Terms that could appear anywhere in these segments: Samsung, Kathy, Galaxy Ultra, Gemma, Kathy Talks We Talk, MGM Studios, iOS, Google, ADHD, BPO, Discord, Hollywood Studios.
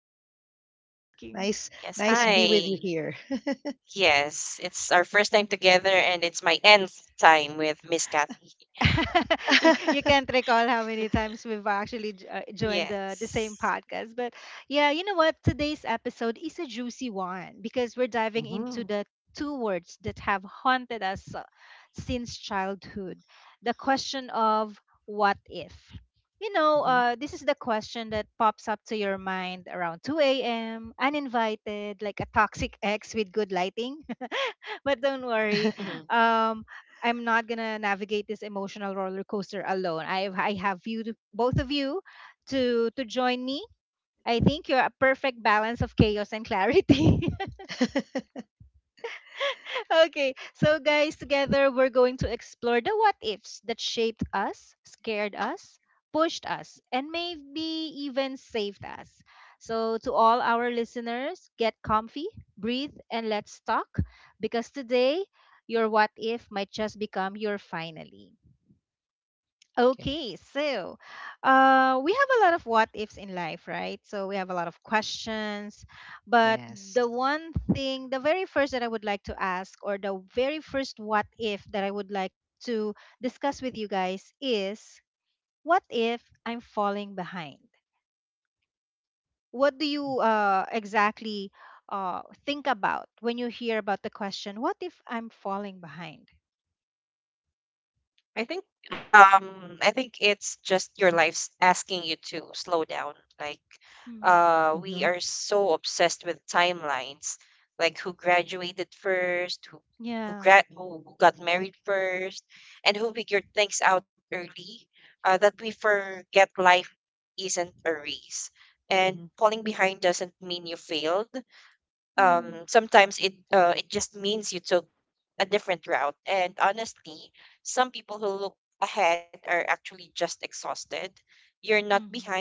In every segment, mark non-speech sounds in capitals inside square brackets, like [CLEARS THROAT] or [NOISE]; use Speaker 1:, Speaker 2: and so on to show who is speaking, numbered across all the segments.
Speaker 1: And hi,
Speaker 2: yes,
Speaker 1: Gemma.
Speaker 2: thank you.
Speaker 1: Nice be with you here.
Speaker 2: [LAUGHS] You can't
Speaker 1: [LAUGHS]
Speaker 2: recall how many times we've actually joined the same podcast. But yeah, you know what? Today's episode is a juicy one because we're diving into
Speaker 1: Mm-hmm.
Speaker 2: the two words that have haunted us since childhood, the question of what if.
Speaker 1: Mhm.
Speaker 2: This is the question that pops up to your mind around 2 a.m., uninvited, like a toxic ex with good lighting, but don't worry. Um, I'm not gonna navigate this emotional roller coaster alone. I have you, both of you, to join me. I think you're a perfect balance of chaos and clarity. [LAUGHS]
Speaker 1: [LAUGHS]
Speaker 2: Okay, so guys, together we're going to explore the what ifs that shaped us, scared us, pushed us, and maybe even saved us. So, to all our listeners, get comfy, breathe, and let's talk because today your what if might just become your finally.
Speaker 1: Okay.
Speaker 2: Okay, so we have a lot of what ifs in life, right? So we have a lot of questions. But
Speaker 1: Yes.
Speaker 2: the very first that I would like to ask, or the very first what if that I would like to discuss with you guys is, what if I'm falling behind? What do you exactly think about when you hear about the question, what if I'm falling behind? Mm.
Speaker 1: Mhm,
Speaker 2: Yeah.
Speaker 1: mhm.
Speaker 2: Mm. Mm.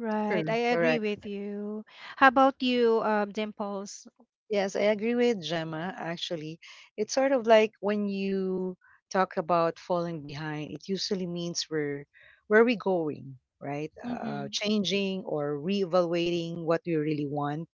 Speaker 2: Right. I
Speaker 1: True.
Speaker 2: agree
Speaker 1: Correct.
Speaker 2: with you. How about you, Dimples?
Speaker 1: Yes, I agree with Gemma, actually. It's sort of like when you talk about falling behind, it usually means we're where are we going, right?
Speaker 2: Mm-hmm.
Speaker 1: Changing or reevaluating what we really want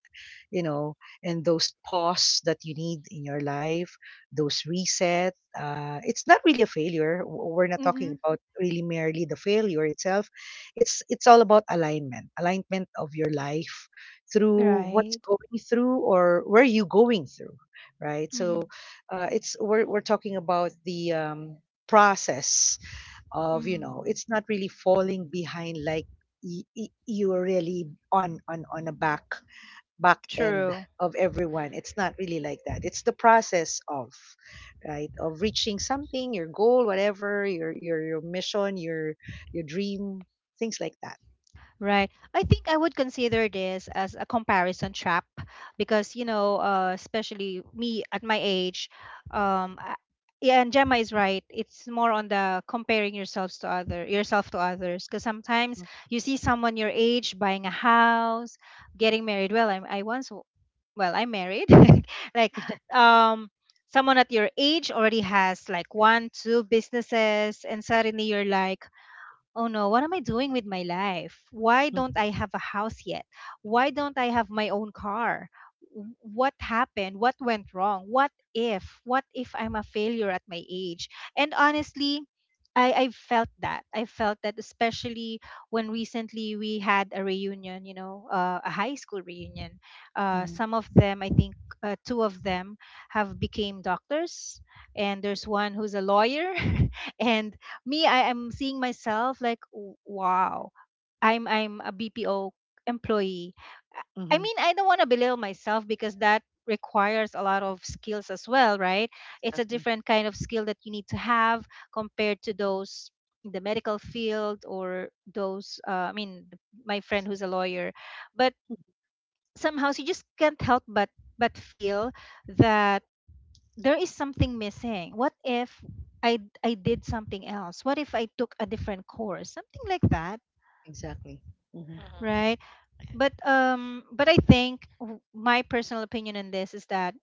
Speaker 1: you know, and those pause that you need in your life, those reset. It's not really a failure. We're not talking
Speaker 2: Mm-hmm.
Speaker 1: about really merely the failure itself. It's all about alignment, alignment of your life through what's
Speaker 2: Right.
Speaker 1: going through or where you going through, right?
Speaker 2: Mm-hmm.
Speaker 1: So it's we're talking about the process of you
Speaker 2: Mm-hmm.
Speaker 1: know it's not really falling behind like you're really on a back end
Speaker 2: True.
Speaker 1: of everyone. It's not really like that. It's the process of, right, of reaching something, your goal, whatever, your mission, your dream, things like that.
Speaker 2: Right. I think I would consider this as a comparison trap because, you know, especially me at my age, um, I- yeah, and Gemma is right. It's more on the comparing yourselves to other yourself to others because sometimes
Speaker 1: Mhm,
Speaker 2: you see someone your age buying a house, getting married. Well, I once, well, I'm married. [LAUGHS] Like, um, someone at your age already has like one, two businesses, and suddenly you're like, oh no, what am I doing with my life? Why
Speaker 1: mhm,
Speaker 2: don't I have a house yet? Why don't I have my own car? What happened? What went wrong? What if? What if I'm a failure at my age? And honestly, I felt that. I felt that especially when recently we had a reunion, you know, a high school reunion.
Speaker 1: mhm,
Speaker 2: Some of them, I think two of them have became doctors and there's one who's a lawyer, [LAUGHS] and me, I am seeing myself like, wow, I'm a bpo employee. i I
Speaker 1: mhm.
Speaker 2: mean, I don't want to belittle myself because that requires a lot of skills as well, right? It's a
Speaker 1: Exactly.
Speaker 2: different kind of skill that you need to have compared to those in the medical field or those my friend who's a lawyer. But somehow she just can't help but feel that there is something missing. What if I did something else? What if I took a different course? Something like that,
Speaker 1: Exactly. Hmm.
Speaker 2: right? But I think my personal opinion on this is that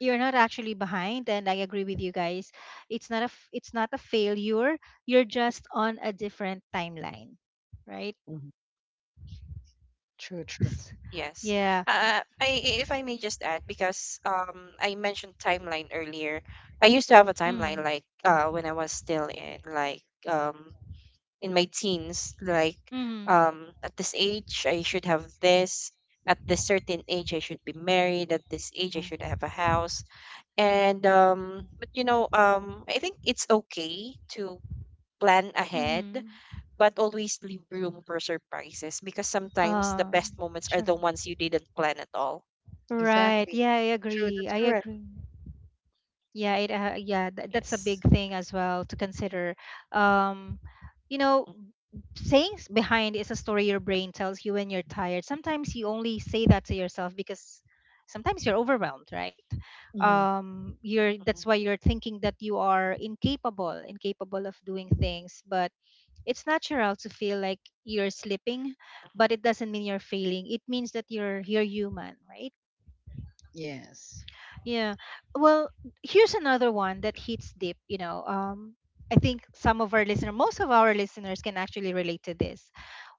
Speaker 2: you're not actually behind, and I agree with you guys. It's not a it's not a failure. You're just on a different timeline, right?
Speaker 1: Hmm. True. True.
Speaker 2: S- Yeah. Mm. Mhm.
Speaker 1: Hmm.
Speaker 2: Mhm. Um sure. Right.
Speaker 1: Exactly.
Speaker 2: Yeah, I
Speaker 1: True.
Speaker 2: agree.
Speaker 1: That's
Speaker 2: I
Speaker 1: correct.
Speaker 2: agree. Yeah, it yeah, that's a big thing as well to consider. Um, you know, sayings behind is a story your brain tells you when you're tired. Sometimes you only say that to yourself because sometimes you're overwhelmed, right?
Speaker 1: Hmm.
Speaker 2: You're that's why you're thinking that you are incapable of doing things. But it's natural to feel like you're slipping, but it doesn't mean you're failing. It means that you're human, right?
Speaker 1: Yes.
Speaker 2: Yeah. Well, here's another one that hits deep, you know. Um, I think some of our listeners, most of our listeners can actually relate to this.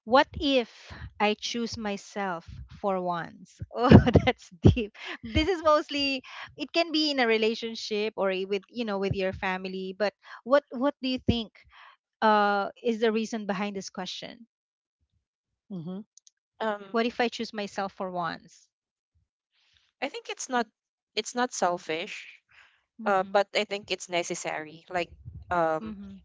Speaker 2: What if I choose myself for once? [LAUGHS] Oh, that's deep. This is mostly, it can be in a relationship or with, you know, with your family, but what do you think is the reason behind this question?
Speaker 1: Hmm.
Speaker 2: What if I choose myself for once? Mhm. Mhm.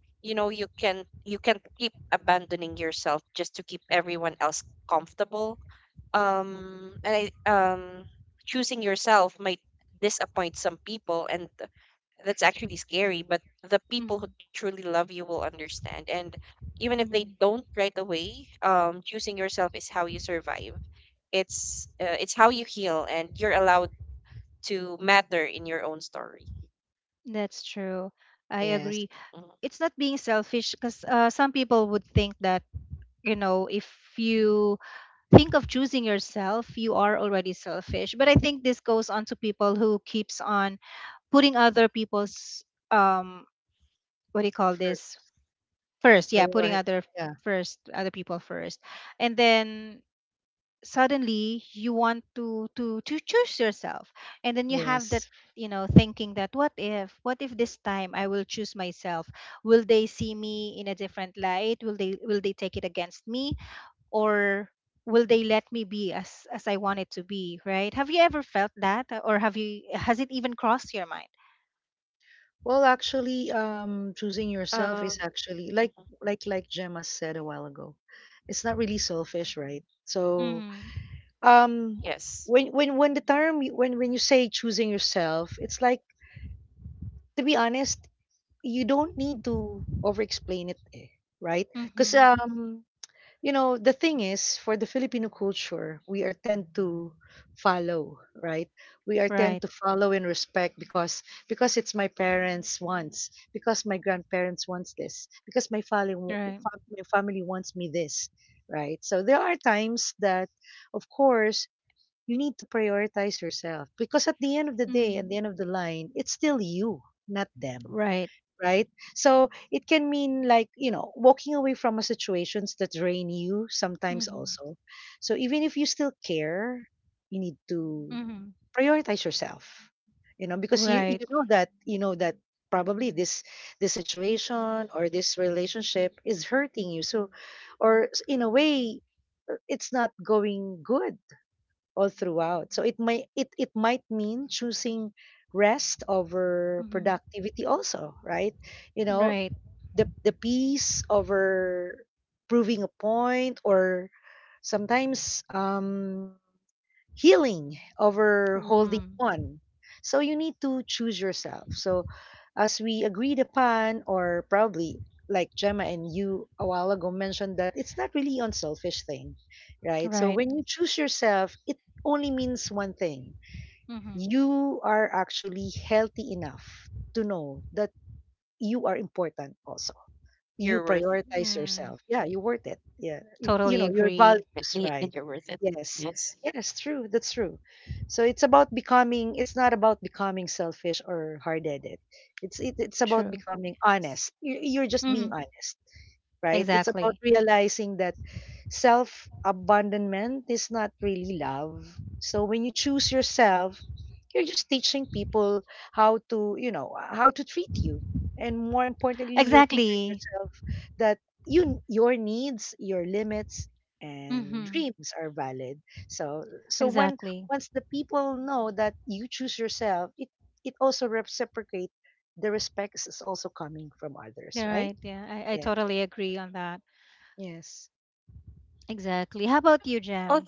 Speaker 2: Mhm. Mhm. That's true. I
Speaker 1: Yes.
Speaker 2: agree. It's not being selfish because, some people would think that, you know, if you think of choosing yourself you are already selfish, but I think this goes on to people who keeps on putting other people's, um what do you call
Speaker 1: For
Speaker 2: this, first. Yeah, putting
Speaker 1: prior.
Speaker 2: other
Speaker 1: Yeah.
Speaker 2: first other people first, and then suddenly you want to to choose yourself, and then you have that,
Speaker 1: Yes.
Speaker 2: you know, thinking that, what if, what if this time I will choose myself, will they see me in a different light, will they take it against me, or will they let me be as I want it to be, right? Have you ever felt that? Or have you, has it even crossed your mind?
Speaker 1: Well, actually, choosing yourself is actually like Gemma said a while ago. It's not really selfish, right? So,
Speaker 2: Mm-hmm.
Speaker 1: um, when the term y- when you say choosing yourself, it's like to be honest, you don't need to over explain it, eh, right? Because
Speaker 2: Mm-hmm.
Speaker 1: um, you know the thing is for the Filipino culture, we are tend to follow, right? We are tend
Speaker 2: Right.
Speaker 1: to follow and respect, because it's my parents wants, because my grandparents wants this, because my family,
Speaker 2: Right.
Speaker 1: my family wants me this, right? So there are times that, of course, you need to prioritize yourself, because at the end of the day, at
Speaker 2: Mm.
Speaker 1: the end of the line, it's still you, not them,
Speaker 2: Right.
Speaker 1: right? So it can mean like, walking away from a situations that drain you sometimes
Speaker 2: Mm-hmm.
Speaker 1: also. So even if you still care, you need to
Speaker 2: Mm-hmm.
Speaker 1: prioritize yourself. Because you
Speaker 2: Right.
Speaker 1: you know that probably this situation or this relationship is hurting you. So or in a way, it's not going good all throughout. So it might mean choosing rest over
Speaker 2: Mm-hmm.
Speaker 1: productivity also, right? You know,
Speaker 2: Right.
Speaker 1: the peace over proving a point, or sometimes, healing over holding
Speaker 2: Mm.
Speaker 1: on. So you need to choose yourself. So as we agreed upon, or probably like Gemma and you a while ago mentioned, that it's not really unselfish thing, right? So
Speaker 2: Right.
Speaker 1: when you choose yourself, it only means one thing.
Speaker 2: Mm-hmm.
Speaker 1: You are actually healthy enough to know that you are important also, you prioritize
Speaker 2: Mm,
Speaker 1: yourself. Yeah, you're worth it. Yeah, you
Speaker 2: totally
Speaker 1: know your
Speaker 2: agree.
Speaker 1: values, right? Yes, yes, true. That's true. So it's about becoming. It's not about becoming selfish or hard-headed. It's about
Speaker 2: True.
Speaker 1: becoming honest. You're just being
Speaker 2: Mm-hmm.
Speaker 1: honest, right? It's about
Speaker 2: Exactly.
Speaker 1: realizing that self abandonment is not really love. So when you choose yourself, you're just teaching people how to treat you. And more importantly, you're teaching
Speaker 2: Exactly.
Speaker 1: yourself that your needs, your limits and
Speaker 2: Mm-hmm.
Speaker 1: dreams are valid. So when
Speaker 2: Exactly.
Speaker 1: once the people know that you choose yourself, it also reciprocate, the respect is also coming from others,
Speaker 2: You're
Speaker 1: right?
Speaker 2: right. Yeah, I
Speaker 1: Yeah.
Speaker 2: totally agree on that.
Speaker 1: Yes.
Speaker 2: Exactly. How about you, Jam?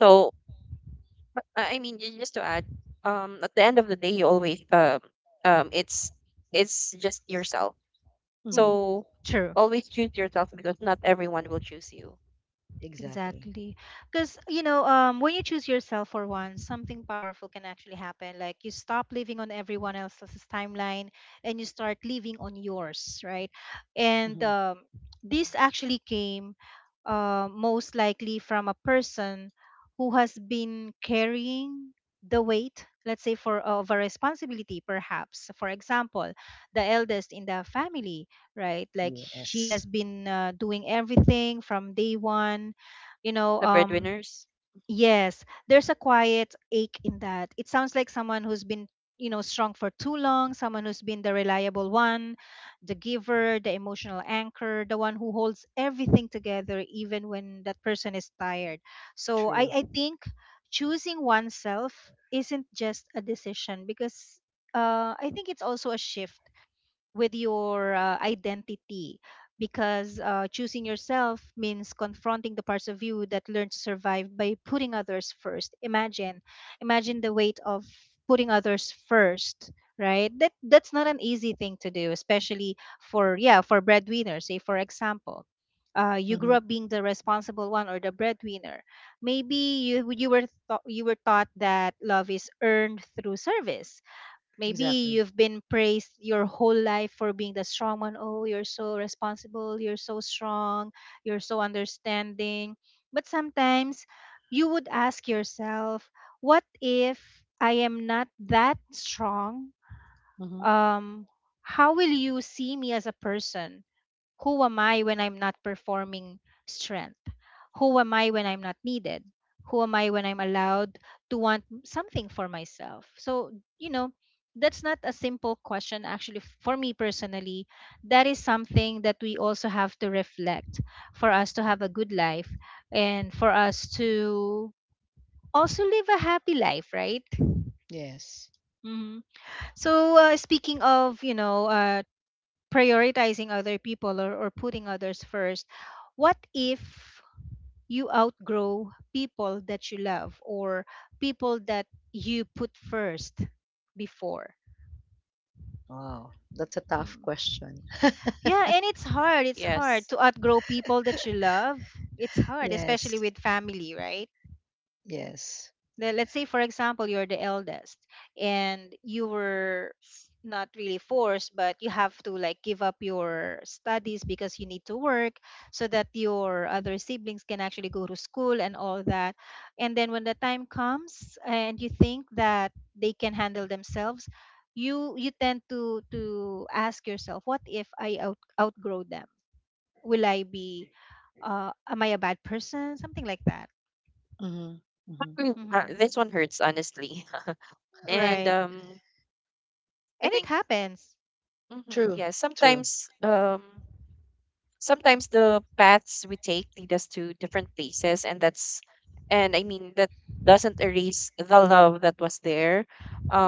Speaker 1: Hmm.
Speaker 2: Mm-hmm. True.
Speaker 1: Exactly.
Speaker 2: Exactly. Because, you know, when you choose yourself for once, something powerful can actually happen. Like, you stop living on everyone else's timeline and you start living on yours, right? And
Speaker 1: Mhm.
Speaker 2: this actually came most likely from a person who has been carrying the weight, let's say, for of a responsibility, perhaps. For example, the eldest in the family, right? Like she has
Speaker 1: Yes,
Speaker 2: been doing everything from day one, you know. Um, yes, there's a quiet ache in that. It sounds like someone who's been, you know, strong for too long, someone who's been the reliable one, the giver, the emotional anchor, the one who holds everything together even when that person is tired. So i
Speaker 1: true.
Speaker 2: i think choosing oneself isn't just a decision, because I think it's also a shift with your identity, because choosing yourself means confronting the parts of you that learn to survive by putting others first. Imagine the weight of putting others first, right? That that's not an easy thing to do, especially for, yeah, for breadwinners. Say for example, you grew
Speaker 1: Mhm,
Speaker 2: up being the responsible one or the breadwinner. Maybe you were thought, you were taught that love is earned through service. Maybe
Speaker 1: exactly.
Speaker 2: you've been praised your whole life for being the strong one. Oh, you're so responsible. You're so strong. You're so understanding. But sometimes you would ask yourself, what if I am not that strong?
Speaker 1: Mhm,
Speaker 2: Um, how will you see me as a person? Who am I when I'm not performing strength? Who am I when I'm not needed? Who am I when I'm allowed to want something for myself? So, you know, that's not a simple question. Actually, for me personally, that is something that we also have to reflect, for us to have a good life and for us to also live a happy life, right?
Speaker 1: yes.
Speaker 2: Hmm. So speaking of, you know, prioritizing other people, or putting others first. What if you outgrow people that you love, or people that you put first before?
Speaker 1: Wow, that's a tough
Speaker 2: Hmm.
Speaker 1: question. [LAUGHS]
Speaker 2: Yeah, and it's hard. It's hard to outgrow people that you love. It's hard,
Speaker 1: Yes,
Speaker 2: especially with family, right?
Speaker 1: yes.
Speaker 2: Let's say for example you're the eldest and you were not really forced, but you have to like give up your studies because you need to work so that your other siblings can actually go to school and all that. And then when the time comes and you think that they can handle themselves, you tend to ask yourself, what if I outgrow them? Will I be, uh, am I a bad person? Something like that.
Speaker 1: Mhm, mhm.
Speaker 2: Hmm.
Speaker 1: [LAUGHS]
Speaker 2: Right. And it happens.
Speaker 1: True, true.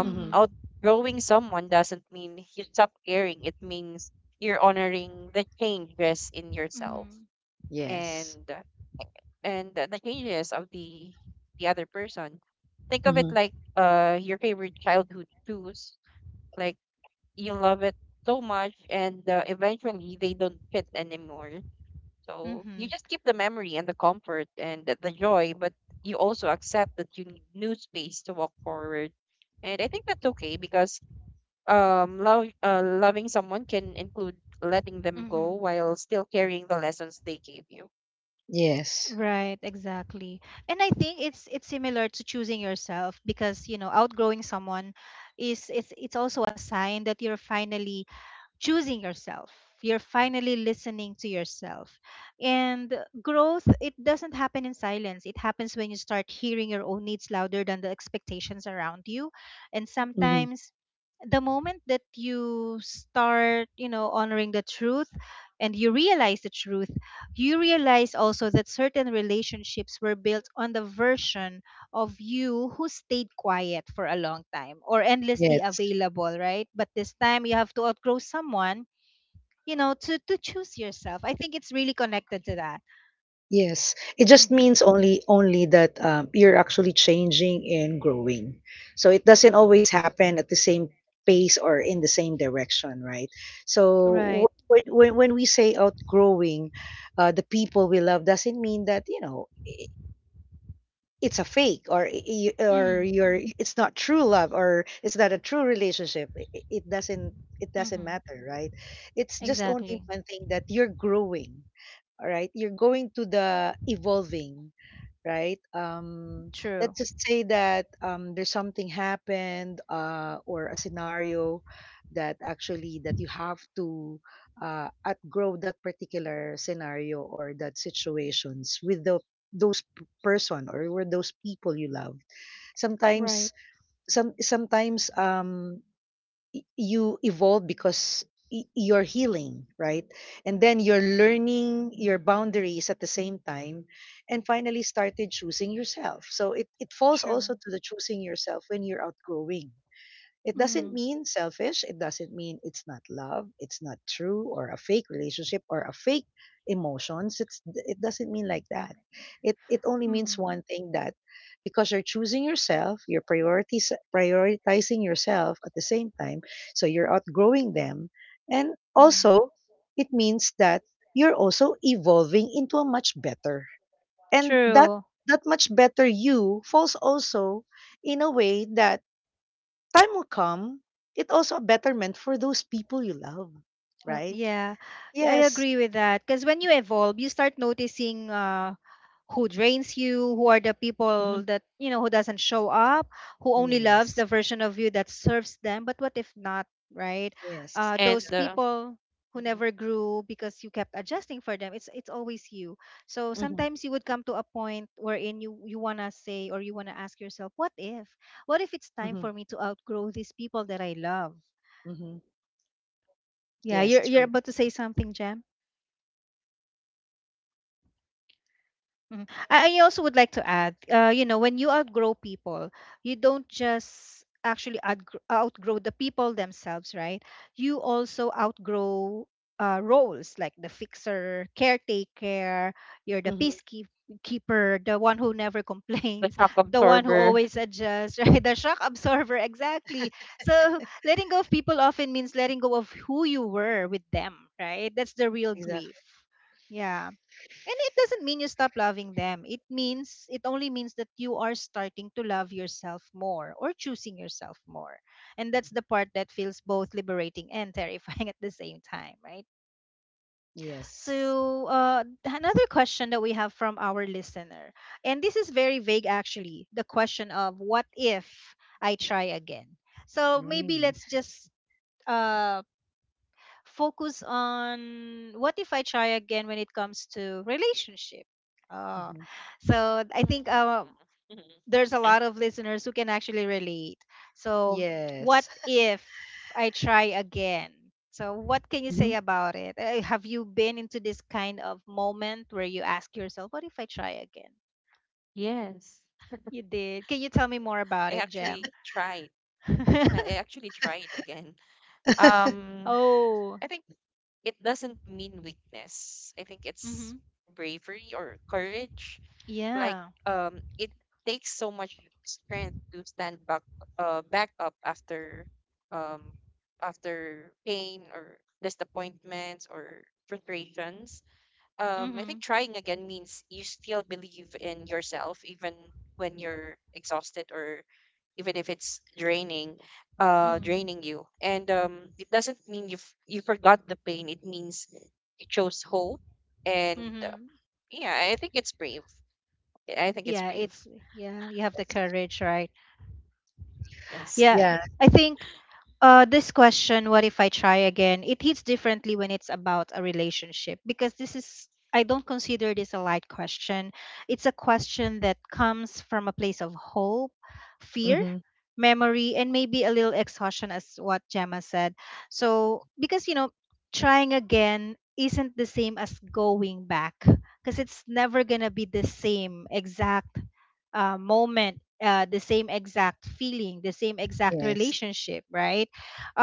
Speaker 1: Mhm,
Speaker 2: Mm-hmm.
Speaker 1: yes. Mhm,
Speaker 2: Mm-hmm. Mm-hmm.
Speaker 1: yes.
Speaker 2: Right, exactly. And I think it's similar to choosing yourself because, you know, outgrowing someone is, it's also a sign that you're finally choosing yourself. You're finally listening to yourself. And growth, it doesn't happen in silence. It happens when you start hearing your own needs louder than the expectations around you. And
Speaker 1: Mhm,
Speaker 2: sometimes the moment that you start, honoring the truth and you realize the truth, you realize also that certain relationships were built on the version of you who stayed quiet for a long time or endlessly
Speaker 1: yes.
Speaker 2: available, right? But this time you have to outgrow someone, you know, to choose yourself. I think it's really connected to that.
Speaker 1: Yes, it just
Speaker 2: Hmm
Speaker 1: means only that, you're actually changing and growing. So it doesn't always happen at the same pace or in the same direction, right? So
Speaker 2: Right.
Speaker 1: when we say outgrowing, the people we love, doesn't mean that it's a fake or I- or
Speaker 2: Mm,
Speaker 1: you're it's not true love, or it's not a true relationship. It doesn't,
Speaker 2: mm-hmm.
Speaker 1: matter, right? It's just only
Speaker 2: Exactly.
Speaker 1: one thing: that you're growing. All right, you're going to the evolving, right? Let's
Speaker 2: True.
Speaker 1: just say that there's something happened, or a scenario that actually that you have to outgrow, that particular scenario or that situations, with person, or with those people you love.
Speaker 2: Right.
Speaker 1: Sometimes some sometimes um you evolve, because you're healing, right? And then you're learning your boundaries at the same time, and finally started choosing yourself. So it falls also
Speaker 2: True.
Speaker 1: to the choosing yourself. When you're outgrowing, it doesn't
Speaker 2: Mm-hmm.
Speaker 1: mean selfish. It doesn't mean it's not love. It's not true, or a fake relationship, or a fake emotions. It doesn't mean like that. It only means
Speaker 2: Mm-hmm.
Speaker 1: one thing, that because you're choosing yourself, you're priorities prioritizing yourself at the same time. So you're outgrowing them, and also, it means that you're also evolving into a much better, and that
Speaker 2: True.
Speaker 1: that much better you falls also in a way, that time will come, it also a betterment for those people you love, right?
Speaker 2: Yeah, yeah, I
Speaker 1: Yes.
Speaker 2: agree with that. Because when you evolve, you start noticing who drains you, who are the people
Speaker 1: Hmm.
Speaker 2: that, you know, who doesn't show up, who only loves
Speaker 1: Yes.
Speaker 2: the version of you that serves them. But what if not, right?
Speaker 1: Yes.
Speaker 2: Those
Speaker 1: Exactly.
Speaker 2: people who never grew because you kept adjusting for them, it's always you. So
Speaker 1: Hmm.
Speaker 2: sometimes you would come to a point wherein you want to say or you want to ask yourself, what if? What if it's time
Speaker 1: Hmm.
Speaker 2: for me to outgrow these people that I love?
Speaker 1: Hmm.
Speaker 2: Yeah,
Speaker 1: Yes.
Speaker 2: you're
Speaker 1: True.
Speaker 2: about to say something, Jam? Mhm. I also would like to add, you know, when you outgrow people, you don't just actually outgrow the people themselves, right? You also outgrow roles like the fixer, caretaker, you're the
Speaker 1: Hmm.
Speaker 2: peacekeeper, the one who never complains, [LAUGHS] the one who always adjusts, [LAUGHS] right? The shock absorber, exactly. So letting go of people often means letting go of who you were with them, right? That's the real grief.
Speaker 1: Exactly.
Speaker 2: Yeah. And it doesn't mean you stop loving them. It means, it only means that you are starting to love yourself more or choosing yourself more. And that's the part that feels both liberating and terrifying [LAUGHS] at the same time, right?
Speaker 1: Yes.
Speaker 2: So, another question that we have from our listener, and this is very vague actually the question of what if I try again? So, maybe
Speaker 1: Mm.
Speaker 2: let's just uh, focus on what if I try again when it comes to relationship. Uh,
Speaker 1: Hmm.
Speaker 2: so I think there's a lot of listeners who can actually relate. So what
Speaker 1: Yes.
Speaker 2: if I try again? So what can
Speaker 1: [LAUGHS]
Speaker 2: you
Speaker 1: Hmm.
Speaker 2: say about it? Have you been into this kind of moment where you ask yourself, what if I try again? You did. Can you tell me more about it, Jem? [LAUGHS]
Speaker 1: [LAUGHS] Yes.
Speaker 2: Oh. Mm-hmm. Yeah. Mm-hmm. Mm-hmm. Mm-hmm. Yeah, it's, yeah, you have the courage, right? Yeah,
Speaker 1: Yeah.
Speaker 2: I think this question, what if I try again, it hits differently when it's about a relationship, because this is, I don't consider this a light question. It's a question that comes from a place of hope, fear,
Speaker 1: Hmm.
Speaker 2: memory, and maybe a little exhaustion, as what Gemma said. So because you know, trying again isn't the same as going back, because it's never gonna be the same exact moment, the same exact feeling, the same exact
Speaker 1: Yes.
Speaker 2: relationship, right?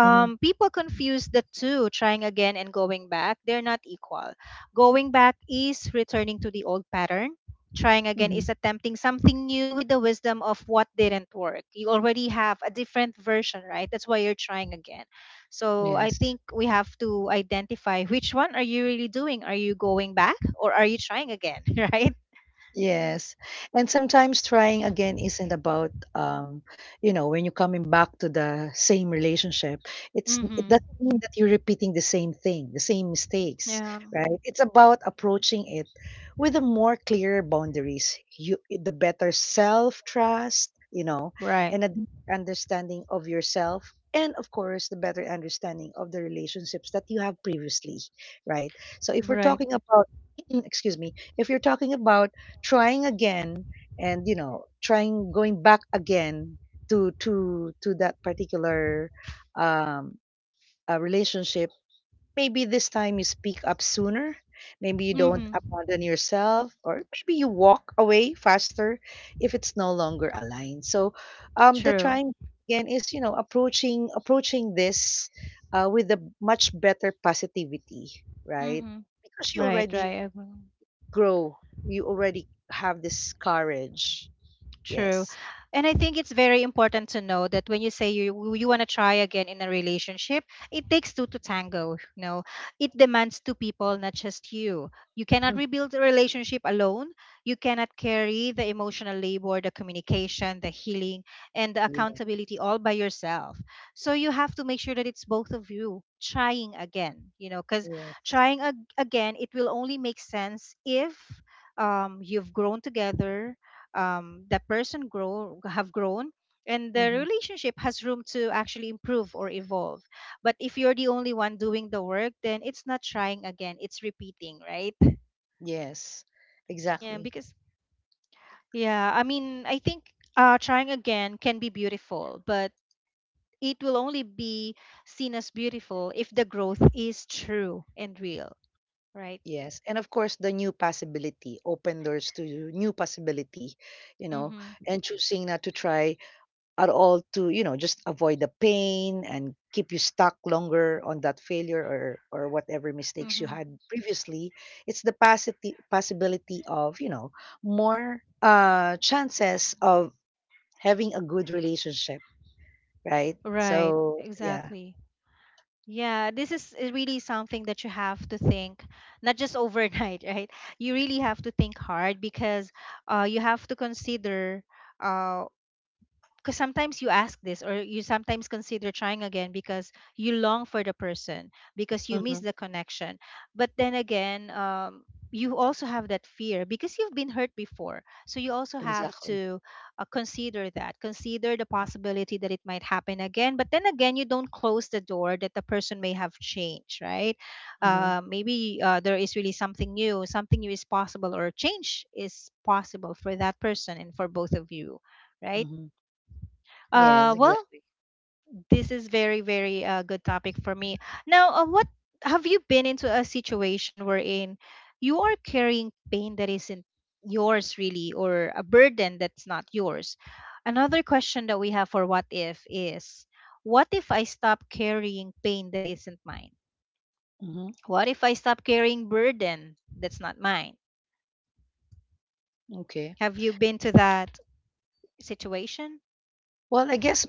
Speaker 1: Hmm.
Speaker 2: People confuse the two, trying again and going back, they're not equal. Going back is returning to the old pattern. Trying again
Speaker 1: Hmm.
Speaker 2: is attempting something new with the wisdom of what didn't work. You already have a different version, right? That's why you're trying again. So I
Speaker 1: Yes.
Speaker 2: think we have to identify which one are you really doing. Are you going back, or are you trying again? [LAUGHS] Right.
Speaker 1: Yes. And sometimes trying again isn't about, when you're coming back to the same relationship, it
Speaker 2: Mm-hmm.
Speaker 1: doesn't mean that you're repeating the same thing, the same mistakes,
Speaker 2: Yeah,
Speaker 1: right? It's about approaching it with a more clear boundaries. You The better self-trust,
Speaker 2: right.
Speaker 1: and a deep understanding of yourself. And of course, the better understanding of the relationships that you have previously, right? So, if we're
Speaker 2: Right.
Speaker 1: talking about, [CLEARS THROAT] excuse me, if you're talking about trying again, and, trying going back again to that particular, um relationship. Maybe this time you speak up sooner. Maybe you don't
Speaker 2: Mm-hmm.
Speaker 1: abandon yourself, or maybe you walk away faster, if it's no longer aligned. So, the
Speaker 2: True.
Speaker 1: trying again is, approaching, this, with a much better positivity, right?
Speaker 2: Mm-hmm.
Speaker 1: Because you
Speaker 2: Right, right.
Speaker 1: already
Speaker 2: I agree.
Speaker 1: grow, you already have this courage.
Speaker 2: True.
Speaker 1: Yes.
Speaker 2: And I think it's very important to know that when you say you want to try again in a relationship, it takes two to tango, you know. It demands two people, not just you. You cannot
Speaker 1: Mm.
Speaker 2: rebuild a relationship alone. You cannot carry the emotional labor, the communication, the healing, and the
Speaker 1: Yes.
Speaker 2: accountability all by yourself. So you have to make sure that it's both of you trying again, you know, cuz
Speaker 1: Yes.
Speaker 2: trying again, it will only make sense if you've grown together, that person grow have grown, and the
Speaker 1: Hmm.
Speaker 2: relationship has room to actually improve or evolve. But if you're the only one doing the work, then it's not trying again, it's repeating, right?
Speaker 1: Yes.
Speaker 2: Yeah,
Speaker 1: Exactly.
Speaker 2: because, yeah, I mean, I think trying again can be beautiful, but it will only be seen as beautiful if the growth is true and real, right?
Speaker 1: Yes. And of course, the new possibility, open doors to new possibility, you know,
Speaker 2: Mm-hmm.
Speaker 1: and choosing not to try at all, to, just avoid the pain and keep you stuck longer on that failure, or whatever mistakes you
Speaker 2: Mm-hmm.
Speaker 1: had previously. It's the possibility of, more chances of having a good relationship, right?
Speaker 2: Right,
Speaker 1: So yeah.
Speaker 2: exactly. Yeah, this is really something that you have to think, not just overnight, [LAUGHS] right? You really have to think hard, because you have to consider uh, because sometimes you ask this, or you sometimes consider trying again because you long for the person, because you miss
Speaker 1: Hmm,
Speaker 2: the connection. But then again, you also have that fear because you've been hurt before, so you also have
Speaker 1: exactly.
Speaker 2: to consider that, consider the possibility that it might happen again. But then again, you don't close the door that the person may have changed, right?
Speaker 1: Hmm.
Speaker 2: Maybe there is really something new, something new is possible, or change is possible for that person and for both of you, right?
Speaker 1: Hmm. Yes,
Speaker 2: Well,
Speaker 1: exactly.
Speaker 2: this is very, very good topic for me. Now, what, have you been into a situation wherein you are carrying pain that isn't yours really, or a burden that's not yours? Another question that we have for what if is, what if I stop carrying pain that isn't mine?
Speaker 1: Hmm.
Speaker 2: What if I stop carrying burden that's not mine?
Speaker 1: Okay.
Speaker 2: Have you been to that situation?
Speaker 1: Well, I guess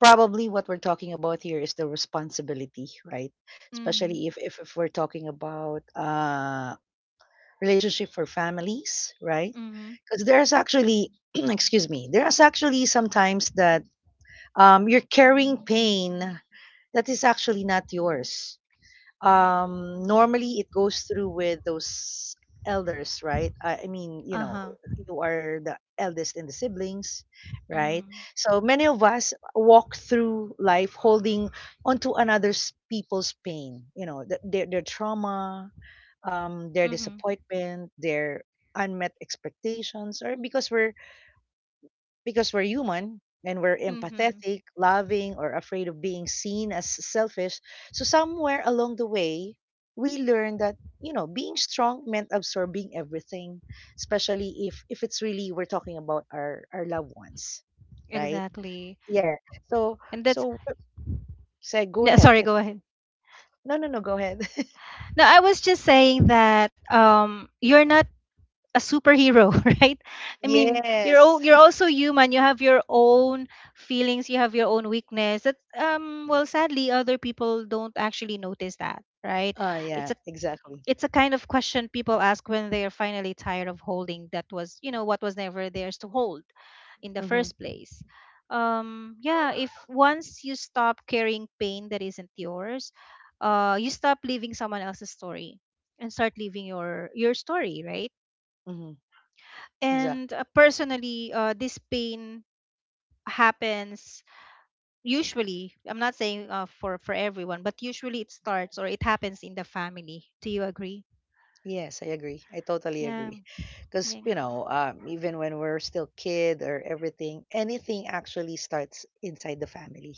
Speaker 1: probably what we're talking about here is the responsibility, right?
Speaker 2: Mm-hmm.
Speaker 1: Especially, if we're talking about, relationship for families, right?
Speaker 2: Mm-hmm.
Speaker 1: Because there's actually, [CLEARS THROAT] excuse me, there's actually sometimes that, you're carrying pain that is actually not yours. Normally, it goes through with those elders, right? I mean, you know,
Speaker 2: Uh-huh.
Speaker 1: you are the eldest in the siblings, right?
Speaker 2: Mm-hmm.
Speaker 1: So many of us walk through life holding onto another's people's pain, their trauma, their disappointment, their unmet expectations, or because we're, because we're human, and we're
Speaker 2: Mm-hmm.
Speaker 1: empathetic, loving, or afraid of being seen as selfish. So somewhere along the way, we learned that, being strong meant absorbing everything, especially, if it's really we're talking about our loved ones, right?
Speaker 2: Exactly.
Speaker 1: Yeah. So
Speaker 2: And that's,
Speaker 1: so Say, go
Speaker 2: no,
Speaker 1: ahead,
Speaker 2: sorry,
Speaker 1: Kat.
Speaker 2: go ahead.
Speaker 1: No, no, no, go ahead. [LAUGHS]
Speaker 2: No, I was just saying that you're not a superhero, [LAUGHS] right? I mean,
Speaker 1: Yes.
Speaker 2: you're
Speaker 1: [LAUGHS]
Speaker 2: also human. You have your own feelings, you have your own weakness. That, um, well, sadly other people don't actually notice that, right?
Speaker 1: Ah,
Speaker 2: It's
Speaker 1: yeah,
Speaker 2: a,
Speaker 1: exactly.
Speaker 2: it's a kind of question people ask when they're finally tired of holding that was, you know, what was never theirs to hold in the
Speaker 1: Mm-hmm,
Speaker 2: first place. Yeah, if once you stop carrying pain that isn't yours, you stop living someone else's story and start living your story, right?
Speaker 1: mm-hmm,
Speaker 2: And
Speaker 1: exactly.
Speaker 2: personally, this pain happens usually. I'm not saying for everyone, but usually it starts or it happens in the family. Do you agree?
Speaker 1: Yes, I agree. I totally
Speaker 2: Yeah,
Speaker 1: agree. Because,
Speaker 2: yeah,
Speaker 1: even when we're still kid or everything, anything actually starts inside the family.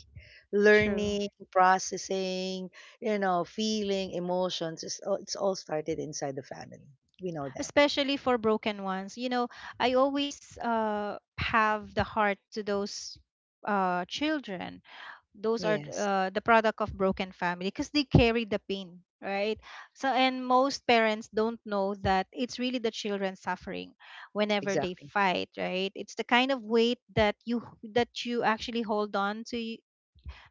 Speaker 2: true.
Speaker 1: Learning, processing, feeling, emotions, it's all, started inside the family. We know that.
Speaker 2: Especially for broken ones. You know, I always have the heart to those children. Those are
Speaker 1: Yes,
Speaker 2: the product of broken family because they carry the pain, right? So, and most parents don't know that it's really the children suffering whenever they
Speaker 1: exactly.
Speaker 2: fight, right? It's the kind of weight that you actually hold on to,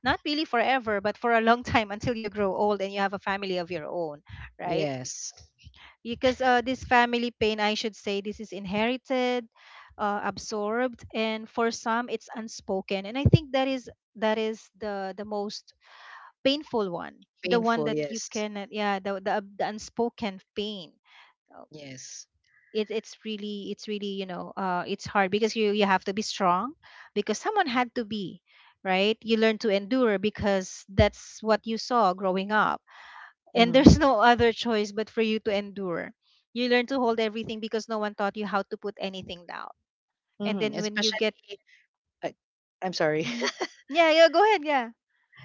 Speaker 2: not really forever, but for a long [LAUGHS] time until you grow old and you have a family of your own, right?
Speaker 1: Yes.
Speaker 2: Because this family pain, I should say, this is inherited, absorbed, and for some it's unspoken, and I think that is, that is the most painful one, the one
Speaker 1: Painful,
Speaker 2: that you
Speaker 1: yes.
Speaker 2: can, yeah, the unspoken pain. Uh,
Speaker 1: Yes.
Speaker 2: it, it's really, it's really, you know, it's hard because you have to be strong, because someone had to be, right? You learn to endure because that's what you saw growing up, and
Speaker 1: Mm-hmm.
Speaker 2: there's no other choice but for you to endure. You learn to hold everything because no one taught you how to put anything down. And
Speaker 1: Mm-hmm.
Speaker 2: then when you
Speaker 1: Especially,
Speaker 2: get,
Speaker 1: I, I'm sorry.
Speaker 2: mhm, yeah, yeah, go ahead, yeah,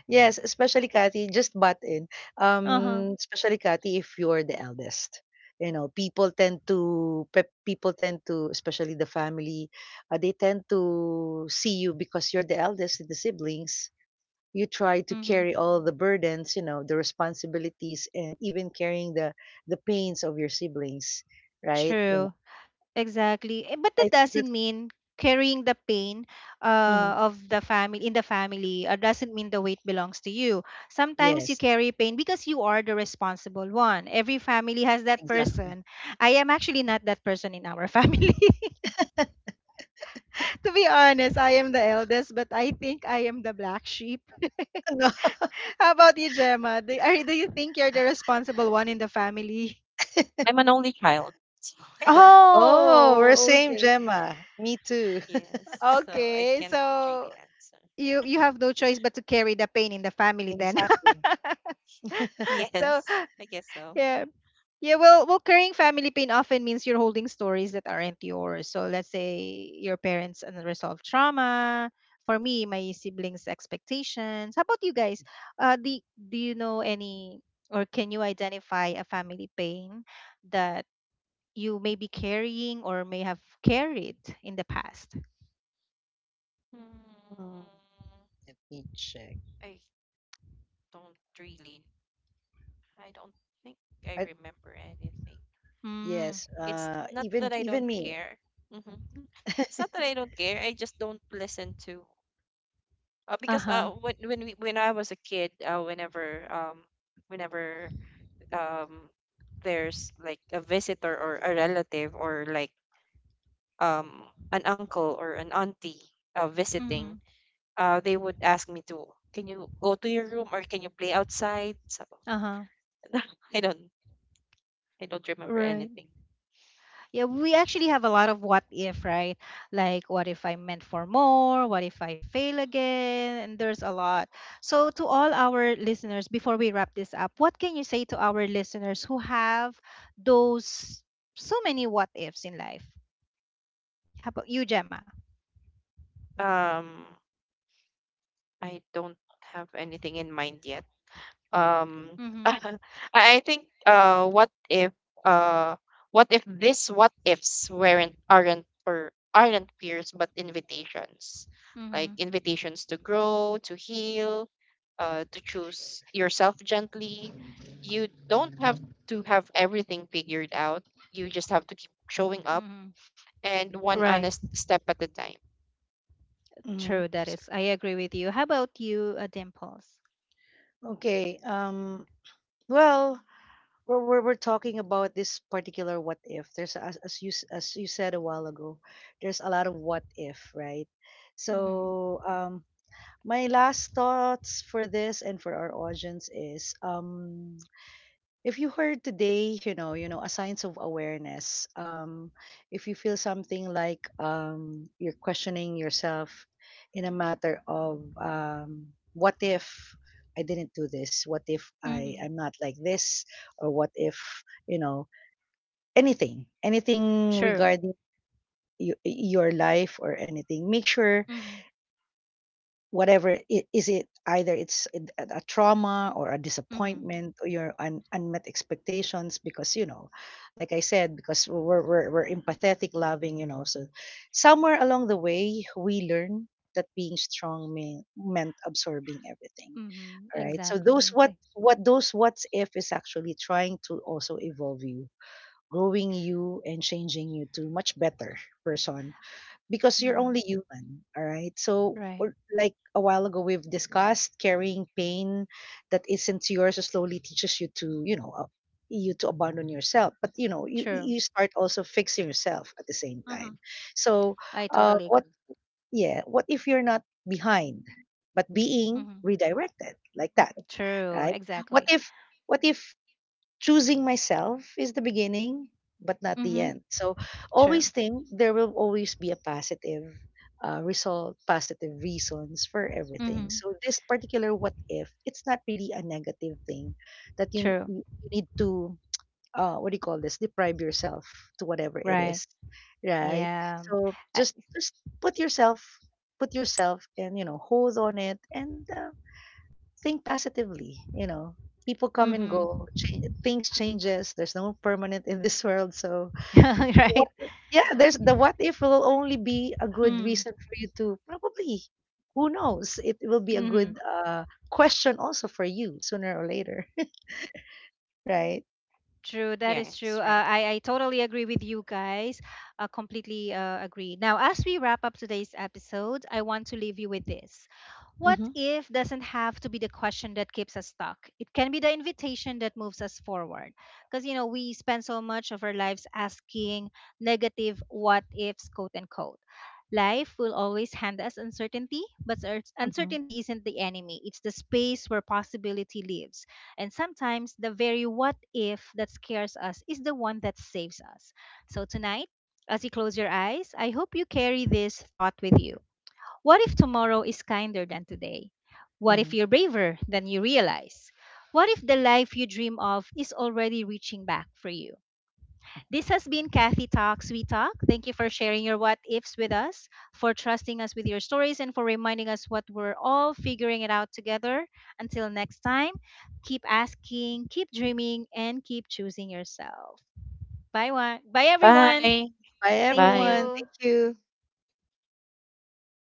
Speaker 1: Yes, especially Kathy, just butt in.
Speaker 2: uh huh,
Speaker 1: Especially Kathy, if you're the eldest, people tend to, especially the family, they tend to see you because you're the eldest in the siblings. You try to
Speaker 2: mm-hmm,
Speaker 1: carry all the burdens, the responsibilities, and even carrying the pains of your siblings, right?
Speaker 2: true, exactly. Eh, but
Speaker 1: I
Speaker 2: that
Speaker 1: think that's
Speaker 2: doesn't mean carrying the pain
Speaker 1: mhm.
Speaker 2: of the family in the family doesn't mean the weight belongs to you. Sometimes you
Speaker 1: Yes,
Speaker 2: carry pain because you are the responsible one. Every family has that
Speaker 1: exactly.
Speaker 2: person. I am actually not that person in our [LAUGHS] family.
Speaker 1: [LAUGHS]
Speaker 2: To be honest, I am the eldest, but I think I am the black sheep.
Speaker 1: No.
Speaker 2: [LAUGHS] How about you, Gemma? Do you think you're the responsible one in the family? [LAUGHS]
Speaker 3: I'm an only child, so [LAUGHS] I don't.
Speaker 1: Oh, we're
Speaker 2: Oh,
Speaker 1: same,
Speaker 2: okay.
Speaker 1: Gemma. Me too. [LAUGHS]
Speaker 3: Yes, so I
Speaker 2: Okay.
Speaker 3: can't
Speaker 2: So
Speaker 3: really answer. [LAUGHS]
Speaker 2: you have no choice but to carry the pain in the family then.
Speaker 1: Exactly.
Speaker 2: [LAUGHS]
Speaker 1: [LAUGHS]
Speaker 2: So
Speaker 3: Yes, I guess so.
Speaker 2: yeah. Yeah, well, well, carrying family pain often means you're holding stories that aren't yours. So let's say your parents' unresolved trauma. For me, my siblings' expectations. How about you guys? Do, do you know any, or can you identify a family pain that you may be carrying or may have carried in the past?
Speaker 3: Hmm,
Speaker 1: Mm, let me check.
Speaker 3: I don't really. I don't think I
Speaker 1: I,
Speaker 3: remember anything.
Speaker 2: Mm.
Speaker 1: yes,
Speaker 3: It's not
Speaker 1: even
Speaker 3: that I
Speaker 1: even
Speaker 3: don't
Speaker 1: me.
Speaker 3: care. Hmm It's not that I
Speaker 1: [LAUGHS]
Speaker 3: don't care. I just don't listen to. Uh,
Speaker 2: Uh
Speaker 3: because uh,
Speaker 2: huh.
Speaker 3: when I was a kid, whenever whenever um, there's like a visitor or a relative or like um, an uncle or an auntie visiting,
Speaker 2: Mm-hmm.
Speaker 3: they would ask me to, can you go to your room or can you play outside? So
Speaker 2: Uh huh.
Speaker 3: [LAUGHS] I don't, I don't remember
Speaker 2: Right.
Speaker 3: anything.
Speaker 2: Yeah, we actually have a lot of what if, right? Like, what if I'm meant for more? What if I fail again? And there's a lot. So, to all our listeners, before we wrap this up, what can you say to our listeners who have those so many what ifs in life? How about you, Gemma?
Speaker 3: Um, I don't have anything in mind yet. um
Speaker 2: Mm-hmm.
Speaker 3: [LAUGHS] I I think uh what if this what ifs weren't aren't or aren't fears but invitations, like
Speaker 2: Mm-hmm.
Speaker 3: invitations to grow, to heal, to choose yourself gently. You don't have to have everything figured out, you just have to keep showing up
Speaker 2: Mm-hmm.
Speaker 3: and one
Speaker 2: Right.
Speaker 3: honest step at a time.
Speaker 1: Mhm.
Speaker 2: True. That is.
Speaker 3: So
Speaker 2: I agree with you. How about you, Dimples?
Speaker 1: Okay. Well, we're talking about this particular what if. There's, as you said a while ago, there's a lot of what if, right?
Speaker 2: Mm-hmm.
Speaker 1: So, my last thoughts for this and for our audience is, if you heard today, a signs of awareness. If you feel something like, you're questioning yourself in a matter of, what if I didn't do this? What if
Speaker 2: Mm-hmm.
Speaker 1: I'm not like this? Or what if you know anything, anything
Speaker 2: True.
Speaker 1: regarding your life or anything? Make sure
Speaker 2: Mm-hmm.
Speaker 1: whatever, is it, either it's a trauma, or a
Speaker 2: Mm-hmm.
Speaker 1: disappointment, or your unmet expectations, because, like I said, because we're empathetic, loving, so somewhere along the way, we learn that being strong meant absorbing everything.
Speaker 2: Mm-hmm.
Speaker 1: All right, so those
Speaker 2: Exactly. Thank-
Speaker 1: what's if is actually trying to also evolve you, growing you, and changing you to much better person, because you're only
Speaker 2: Mhm.
Speaker 1: human. All right, so
Speaker 2: Right.
Speaker 1: like a while ago, we've discussed carrying pain that isn't yours, slowly teaches you to abandon yourself, but,
Speaker 2: True.
Speaker 1: you start also fixing yourself at the same
Speaker 2: Mm-hmm.
Speaker 1: time. So,
Speaker 2: I totally
Speaker 1: what,
Speaker 2: agree.
Speaker 1: yeah what if you're not behind, but being
Speaker 2: Mm-hmm.
Speaker 1: redirected, like that,
Speaker 2: True.
Speaker 1: right? what
Speaker 2: Exactly.
Speaker 1: if what if choosing myself is the beginning, but not the
Speaker 2: Mm-hmm.
Speaker 1: end? So
Speaker 2: True.
Speaker 1: always think, there will always be a positive, result, positive reasons for everything.
Speaker 2: Mm-hmm.
Speaker 1: So this particular what if, it's not really a negative thing that you,
Speaker 2: True.
Speaker 1: you need to, what do you call this, deprive yourself to, whatever it
Speaker 2: Right.
Speaker 1: is, right?
Speaker 2: Yeah.
Speaker 1: So
Speaker 2: I,
Speaker 1: just, put yourself put yourself, and, hold on it, and, think positively, you know. People come and
Speaker 2: mm-hmm.
Speaker 1: go, change, things changes. There's no permanent in this [LAUGHS] world, so
Speaker 2: [LAUGHS]
Speaker 1: the what
Speaker 2: Right.
Speaker 1: if, yeah, there's the what if will only be a good reason for you to, probably, who knows, it will be a
Speaker 2: Mm-hmm.
Speaker 1: good, question also for you sooner or later, [LAUGHS] right?
Speaker 2: True, that is true. Uh,
Speaker 3: yes, right.
Speaker 2: I, I totally agree with you guys. Completely agree. Now, as we wrap up today's episode, I want to leave you with this. What
Speaker 1: Mhm.
Speaker 2: if doesn't have to be the question that keeps us stuck? It can be the invitation that moves us forward. Because, you know, we spend so much of our lives asking negative what ifs, quote unquote. Life will always hand us uncertainty, but
Speaker 1: Mhm.
Speaker 2: uncertainty isn't the enemy, it's the space where possibility lives. And sometimes the very what if that scares us is the one that saves us. So tonight, as you close your eyes, I hope you carry this thought with you. What if tomorrow is kinder than today? What if
Speaker 1: Mhm.
Speaker 2: you're braver than you realize? What if the life you dream of is already reaching back for you? This has been Kathy Talks We Talk. Thank you for sharing your what ifs with us, for trusting us with your stories, and for reminding us what we're all figuring it out together. Until next time, keep asking, keep dreaming, and keep choosing yourself. Bye, one. Bye, everyone.
Speaker 3: Bye.
Speaker 1: Bye,
Speaker 2: Thank
Speaker 3: Bye.
Speaker 1: everyone.
Speaker 2: you.
Speaker 1: Thank you.